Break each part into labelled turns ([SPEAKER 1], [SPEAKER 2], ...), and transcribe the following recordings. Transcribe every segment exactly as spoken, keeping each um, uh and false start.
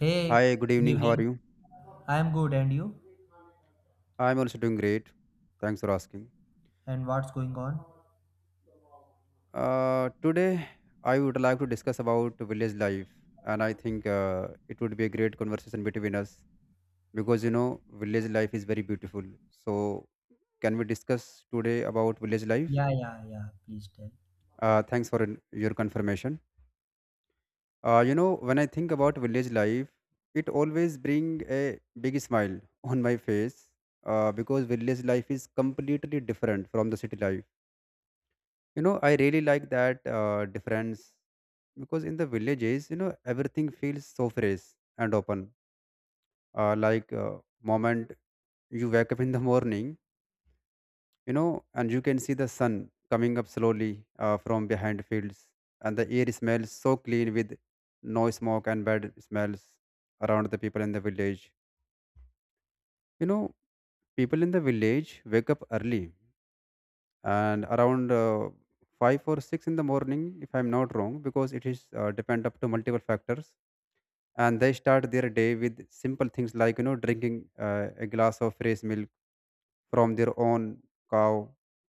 [SPEAKER 1] Hey,
[SPEAKER 2] Hi, good
[SPEAKER 1] good
[SPEAKER 2] evening. How are
[SPEAKER 1] evening.
[SPEAKER 2] you?
[SPEAKER 1] I'm good, and you?
[SPEAKER 2] I'm also doing great. Thanks for asking.
[SPEAKER 1] And what's going on?
[SPEAKER 2] Uh, today, I would like to discuss about village life, and I think uh, it would be a great conversation between us because you know village life is very beautiful. So, can we discuss today about village life?
[SPEAKER 1] Yeah, yeah, yeah. Please tell.
[SPEAKER 2] Uh, thanks for an- your confirmation. Uh, you know, when I think about village life, it always bring a big smile on my face, uh, because village life is completely different from the city life. you know I really like that uh, difference, because in the villages, you know everything feels so fresh and open, uh, like, uh, moment you wake up in the morning, you know and you can see the sun coming up slowly uh, from behind fields, and the air smells so clean with no smoke and bad smells around the people in the village. you know People in the village wake up early, and around uh, five or six in the morning if I'm not wrong, because it is, uh, depend up to multiple factors. And they start their day with simple things, like you know drinking uh, a glass of fresh milk from their own cow,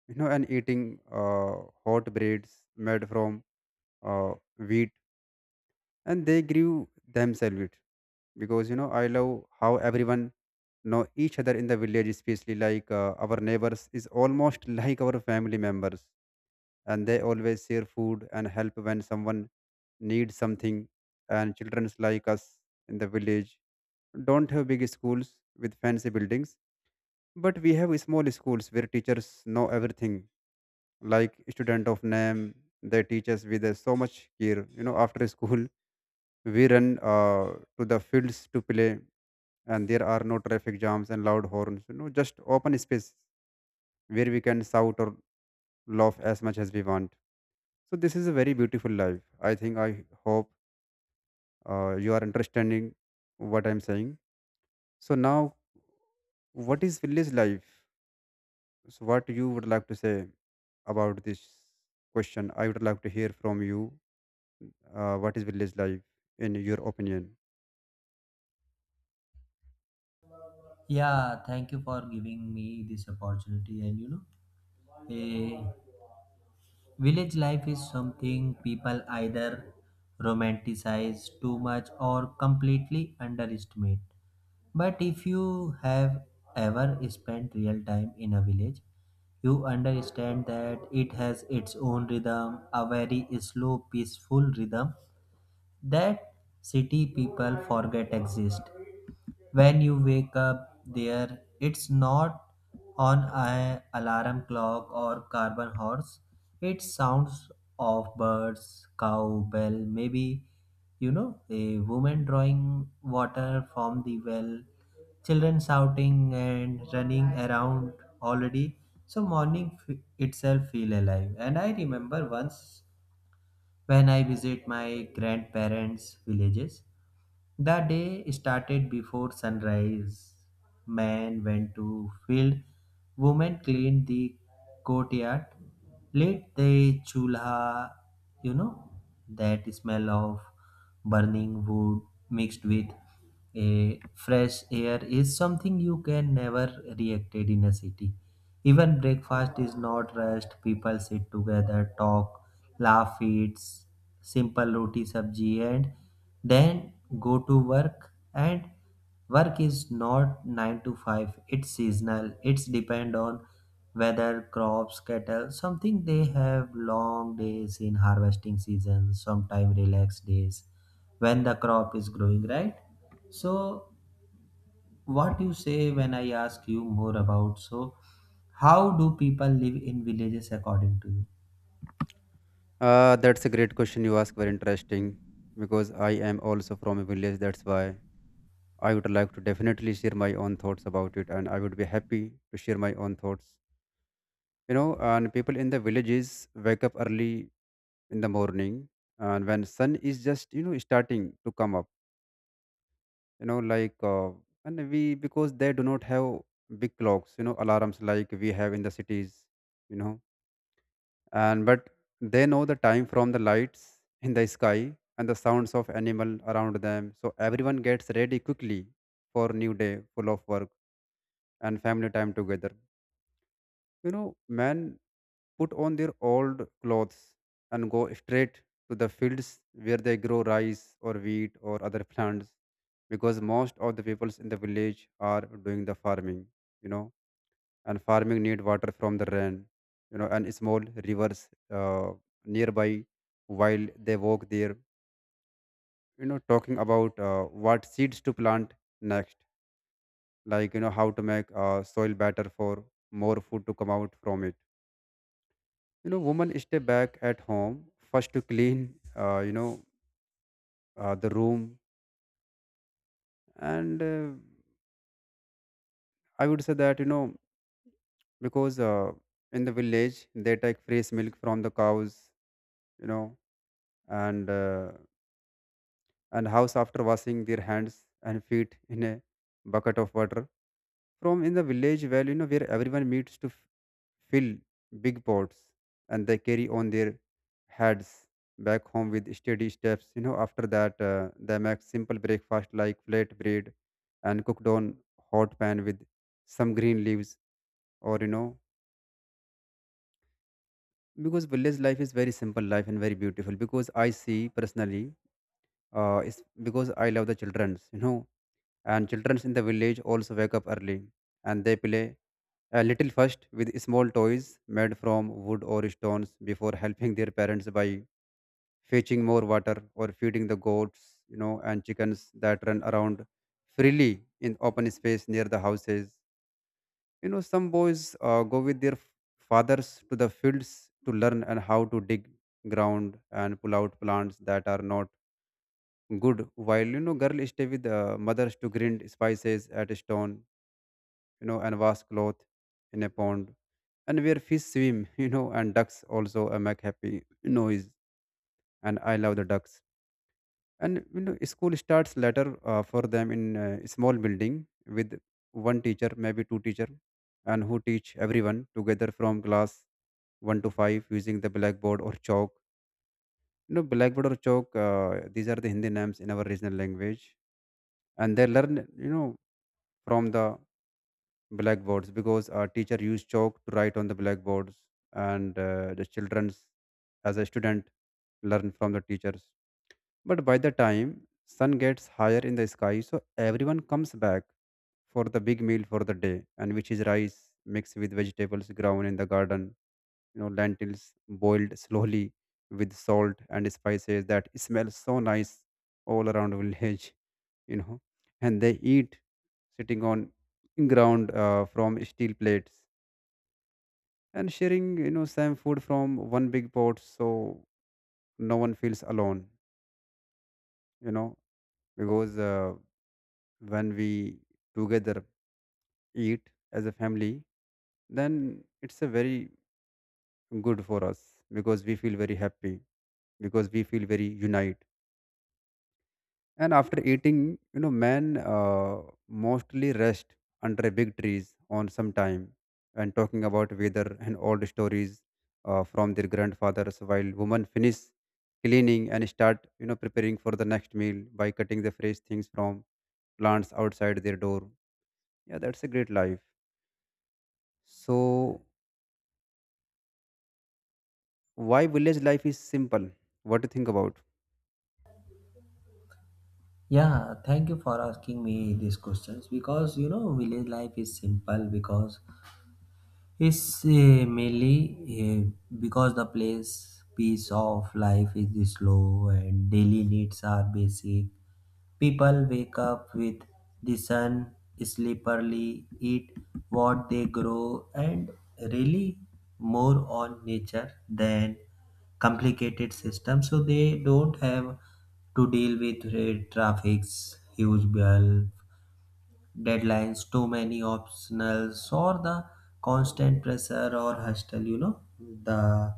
[SPEAKER 2] you know and eating uh, hot breads made from uh, wheat, and they grew themselves it. Because you know I love how everyone know each other in the village, especially like, uh, our neighbors is almost like our family members. And they always share food and help when someone needs something. And children like us in the village don't have big schools with fancy buildings, but we have small schools where teachers know everything, like student of name. They teach us with uh, so much care. You know after school, we run uh, to the fields to play, and there are no traffic jams and loud horns, you know just open space where we can shout or laugh as much as we want. So this is a very beautiful life. I think, I hope uh, you are understanding what I'm saying. So now, what is village life? So what you would like to say about this question, I would like to hear from you. Uh, what is village life in your opinion?
[SPEAKER 1] Yeah, thank you for giving me this opportunity. And you know, eh, village life is something people either romanticize too much or completely underestimate. But if you have ever spent real time in a village, you understand that it has its own rhythm, a very slow, peaceful rhythm that city people forget exist. When you wake up there, it's not on an alarm clock or carbon horse. It sounds of birds, cow, bell, maybe you know, a woman drawing water from the well, children shouting and running around already. So morning f- itself feel alive. And I remember once when I visit my grandparents' villages, the day started before sunrise. Men went to field, women cleaned the courtyard, lit the chulha, you know, that smell of burning wood mixed with a fresh air is something you can never reacted in a city. Even breakfast is not rushed. People sit together, talk, laugh, eat s- simple roti sabji, and then go to work. And work is not nine to five, it's seasonal, it's depend on weather, crops, cattle, something. They have long days in harvesting season, sometime relaxed days when the crop is growing, right? So, what you say when I ask you more about, so how do people live in villages according to you?
[SPEAKER 2] Uh, that's a great question you ask. Very interesting, because I am also from a village. That's why I would like to definitely share my own thoughts about it, and I would be happy to share my own thoughts. You know, and people in the villages wake up early in the morning, and when sun is just, you know starting to come up, you know, like, uh, and we because they do not have big clocks, you know, alarms like we have in the cities. You know, and but they know the time from the lights in the sky and the sounds of animal around them, so everyone gets ready quickly for new day full of work and family time together. You know men put on their old clothes and go straight to the fields where they grow rice or wheat or other plants, because most of the peoples in the village are doing the farming. you know and farming need water from the rain, you know and small rivers uh, nearby. While they walk there, you know talking about uh, what seeds to plant next, like, you know how to make uh, soil better for more food to come out from it. You know women stay back at home first to clean, uh, you know uh, the room, and uh, I would say that, you know because, uh, in the village they take fresh milk from the cows, you know and uh, and house after washing their hands and feet in a bucket of water from in the village well, you know where everyone meets to f- fill big pots, and they carry on their heads back home with steady steps. You know after that, uh, they make simple breakfast like flat bread, and cooked on hot pan with some green leaves, or, you know because village life is very simple life and very beautiful, because I see personally, uh, it's, because I love the children. You know and children in the village also wake up early, and they play a little first with small toys made from wood or stones before helping their parents by fetching more water or feeding the goats, you know and chickens that run around freely in open space near the houses. You know some boys uh, go with their f- fathers to the fields to learn and how to dig ground and pull out plants that are not good, while you know girls stay with the mothers to grind spices at stone, you know and wash cloth in a pond, and where fish swim you know and ducks also uh, make happy noise. And I love the ducks. And you know school starts later uh, for them in a small building with one teacher, maybe two teacher, and who teach everyone together from class one to five using the blackboard or chalk. You know blackboard or chalk, uh, these are the Hindi names in our regional language. And they learn, you know from the blackboards, because our teacher used chalk to write on the blackboards. And uh, the children's, as a student, learn from the teachers. But by the time sun gets higher in the sky, so everyone comes back for the big meal for the day, and which is rice mixed with vegetables grown in the garden, you know lentils boiled slowly with salt and spices that smell so nice all around village. you know and they eat sitting on ground, uh, from steel plates, and sharing, you know same food from one big pot, so no one feels alone. you know because uh, when we together eat as a family, then it's a very good for us, because we feel very happy, because we feel very unite. And after eating, you know men uh, mostly rest under big trees on some time, and talking about weather and old stories uh, from their grandfathers, while women finish cleaning and start, you know preparing for the next meal by cutting the fresh things from plants outside their door. Yeah, that's a great life. So why village life is simple? What do you think about?
[SPEAKER 1] Yeah, thank you for asking me these questions, because you know village life is simple because it's uh, mainly uh, because the place pace of life is slow and daily needs are basic. People wake up with the sun, sleep early, eat what they grow, and really more on nature than complicated system. So they don't have to deal with uh, traffics, huge bill, deadlines, too many optionals, or the constant pressure or hustle. You know the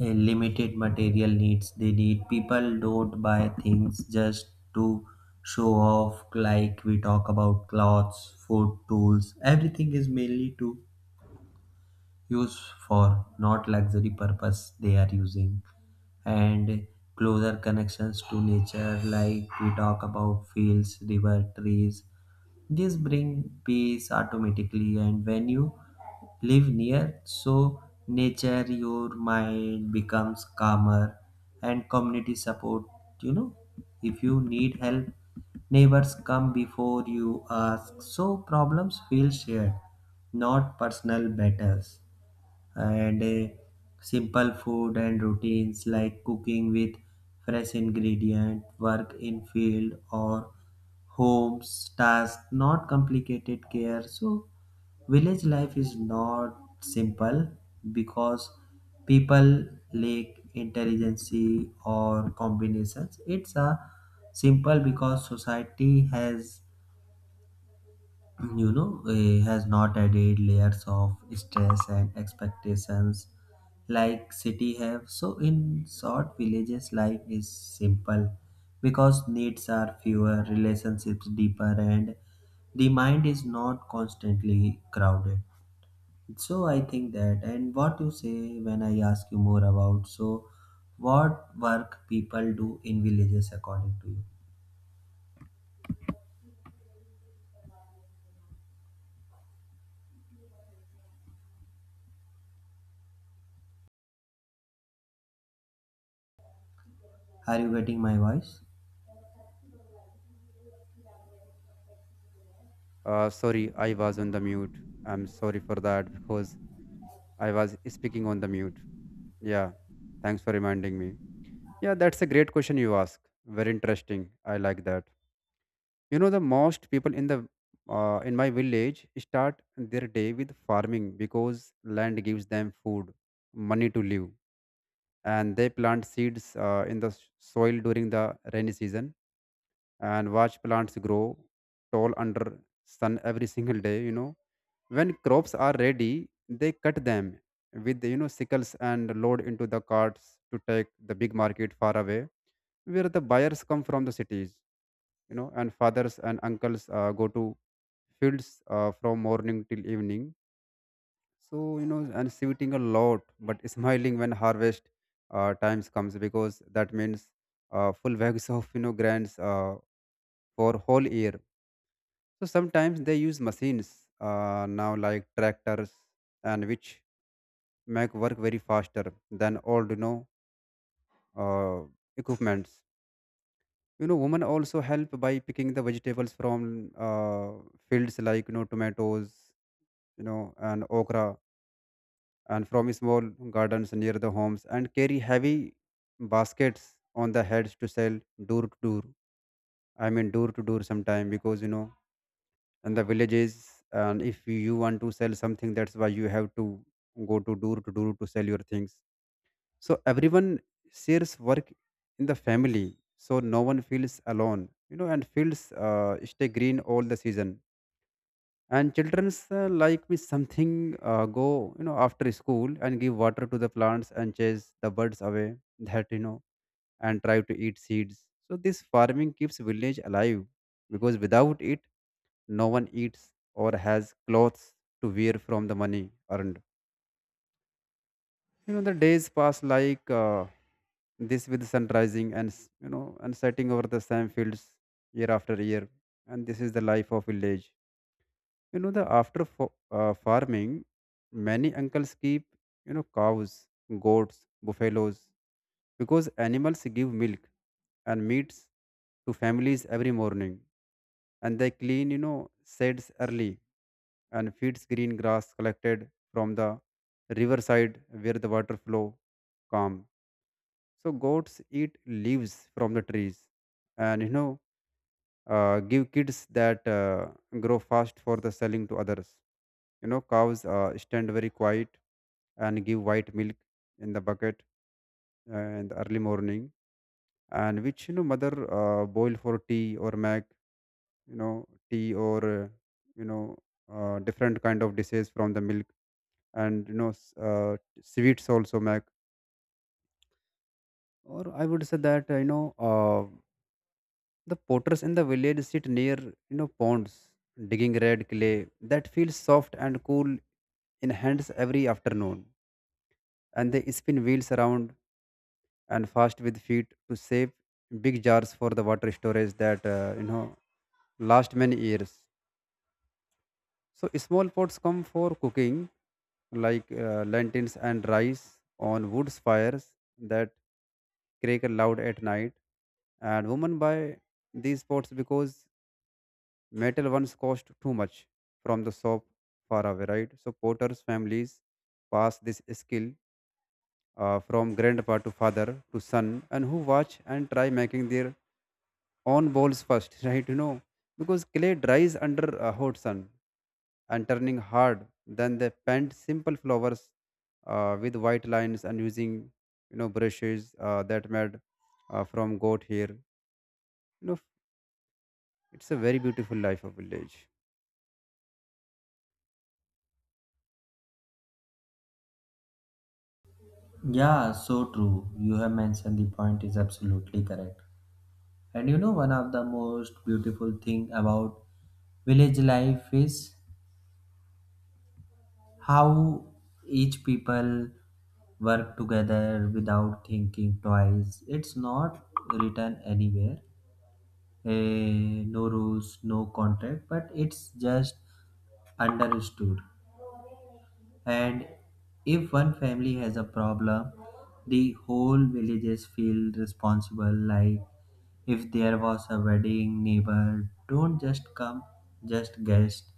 [SPEAKER 1] uh, limited material needs they need. People don't buy things just to show off. Like we talk about clothes, food, tools, everything is mainly to use for not luxury purpose they are using. And closer connections to nature, like we talk about fields, river, trees, this brings peace automatically. And when you live near so nature, your mind becomes calmer. And community support. You know, if you need help, neighbors come before you ask, so problems feel shared, not personal battles. And uh, simple food and routines, like cooking with fresh ingredient, work in field or homes task, not complicated care. So village life is not simple because people lack intelligence or combinations. It's a simple because society has, you know, eh, has not added layers of stress and expectations like city have. So in short, villages life is simple because needs are fewer, relationships deeper, and the mind is not constantly crowded. So I think that. And what you say when I ask you more about, so what work people do in villages according to you? Are you getting my voice?
[SPEAKER 2] Uh, sorry I was on the mute. I'm sorry for that, because I was speaking on the mute. Yeah, thanks for reminding me. Yeah, that's a great question you ask. Very interesting. I like that. You know, the most people in the uh, in my village start their day with farming, because land gives them food, money to live, and they plant seeds uh, in the s- soil during the rainy season and watch plants grow tall under sun every single day. You know, when crops are ready, they cut them with, you know sickles, and load into the carts to take the big market far away, where the buyers come from the cities. You know, and fathers and uncles uh, go to fields uh, from morning till evening. So, you know, and sweating a lot, but smiling when harvest uh, times comes, because that means uh, full bags of, you know grains uh, for whole year. So sometimes they use machines uh, now, like tractors, and which make work very faster than old, you know uh, equipments. You know women also help by picking the vegetables from uh, fields, like, you know tomatoes, you know and okra, and from small gardens near the homes, and carry heavy baskets on the heads to sell door to door. I mean, door to door sometime, because you know in the villages, and if you want to sell something, that's why you have to go to door to door to sell your things. So everyone shares work in the family, so no one feels alone, you know and feels uh, stay green all the season. And children's, uh, like me something, uh, go, you know after school and give water to the plants and chase the birds away that, you know and try to eat seeds. So this farming keeps village alive, because without it no one eats or has clothes to wear from the money earned. You know the days pass like uh, this, with sun rising and s- you know and setting over the same fields year after year. And this is the life of village. You know, the after fo- uh, farming, many uncles keep, you know, cows, goats, buffaloes, because animals give milk and meats to families every morning, and they clean, you know, sheds early, and feeds green grass collected from the riverside, where the water flow calm. So goats eat leaves from the trees, and you know uh, give kids that uh, grow fast for the selling to others. You know, cows uh, stand very quiet and give white milk in the bucket uh, in the early morning, and which you know mother uh, boil for tea or make you know tea or uh, you know uh, different kind of dishes from the milk, and you know s- uh, sweets also make. Or I would say that uh, you know. Uh, the potters in the village sit near, you know, ponds, digging red clay that feels soft and cool in hands every afternoon. And they spin wheels around and fast with feet to save big jars for the water storage that, uh, you know, last many years. So small pots come for cooking, like uh, lentils and rice on wood fires that crackle loud at night. And women buy these pots because metal ones cost too much from the shop far away, right? So potters' families pass this skill uh, from grandpa to father to son, and who watch and try making their own bowls first, right? You know, because clay dries under a hot sun and turning hard. Then they paint simple flowers uh, with white lines and using you know brushes uh, that made uh, from goat hair. You know, it's a very beautiful life of village.
[SPEAKER 1] Yeah, so true. You have mentioned the point is absolutely correct. And you know, one of the most beautiful thing about village life is how each people work together without thinking twice. It's not written anywhere. Eh, no rules, no contract, but it's just understood. And if one family has a problem, the whole villages feel responsible. Like if there was a wedding, neighbor don't just come, just guest.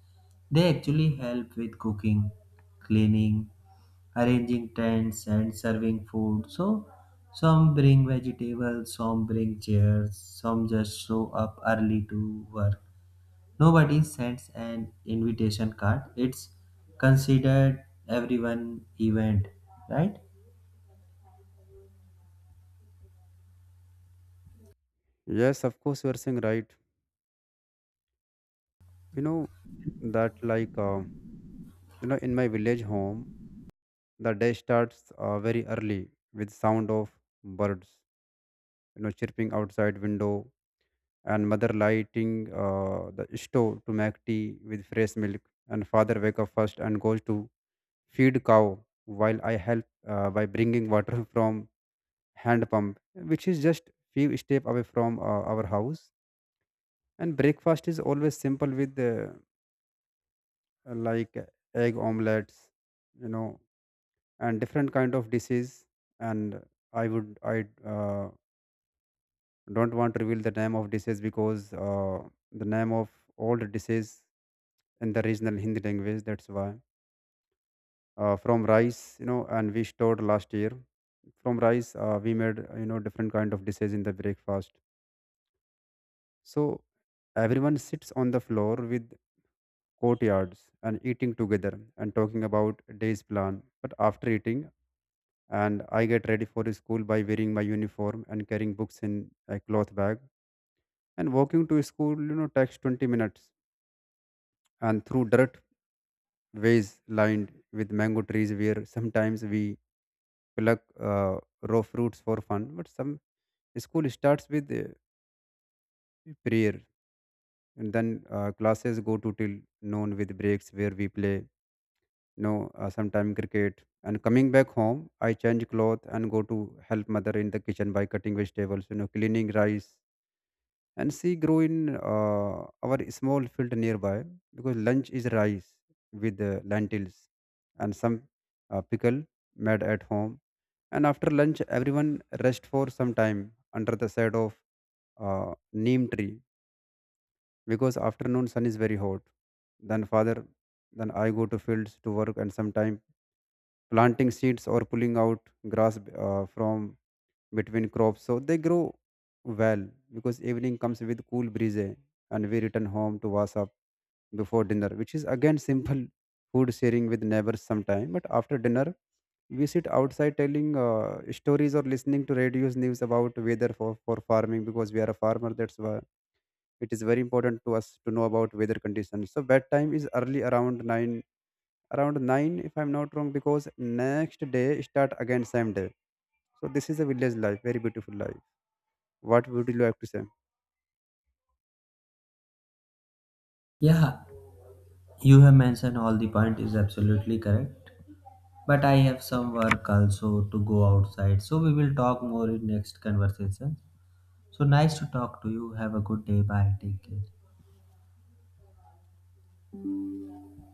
[SPEAKER 1] They actually help with cooking, cleaning, arranging tents, and serving food. So some bring vegetables, some bring chairs, some just show up early to work. Nobody sends an invitation card. It's considered everyone event, right?
[SPEAKER 2] Yes, of course, you are saying right. you know that like uh, you know in my village home the day starts uh, very early with sound of birds you know chirping outside window, and mother lighting uh, the stove to make tea with fresh milk, and father wake up first and goes to feed cow while I help uh, by bringing water from hand pump which is just few step away from uh, our house. And breakfast is always simple with uh, like egg omelets, you know and different kind of dishes. And i would i uh, don't want to reveal the name of dishes because uh, the name of all the dishes in the regional Hindi language, that's why uh, from rice, you know and we stored last year. From rice uh, we made uh, you know different kind of dishes in the breakfast. So everyone sits on the floor with courtyards and eating together and talking about day's plan. But after eating, and I get ready for school by wearing my uniform and carrying books in a cloth bag. And walking to school, you know, takes twenty minutes. And through dirt ways lined with mango trees, where sometimes we pluck uh, raw fruits for fun. But some school starts with uh, prayer, and then uh, classes go to till noon with breaks where we play. You know, uh, sometime cricket. And coming back home, I change clothes and go to help mother in the kitchen by cutting vegetables. You know, cleaning rice and she grew in uh, our small field nearby, because lunch is rice with uh, lentils and some uh, pickle made at home. And after lunch everyone rest for some time under the shade of uh, neem tree, because afternoon sun is very hot. Then father then I go to fields to work and sometime planting seeds or pulling out grass uh, from between crops so they grow well. Because evening comes with cool breeze and we return home to wash up before dinner, which is again simple food sharing with neighbors sometime. But after dinner we sit outside telling uh, stories or listening to radios news about weather for, for farming because we are a farmer, that's why it is very important to us to know about weather conditions. So bedtime is early around nine, around nine if I'm not wrong, because next day start again same day. So this is a village life, very beautiful life. What would you like to say?
[SPEAKER 1] Yeah, you have mentioned all the point is absolutely correct. But I have some work also to go outside. So we will talk more in next conversation. So nice to talk to you. Have a good day. Bye. Take care.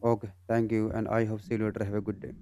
[SPEAKER 2] Okay, thank you, and I hope see you later. Have a good day.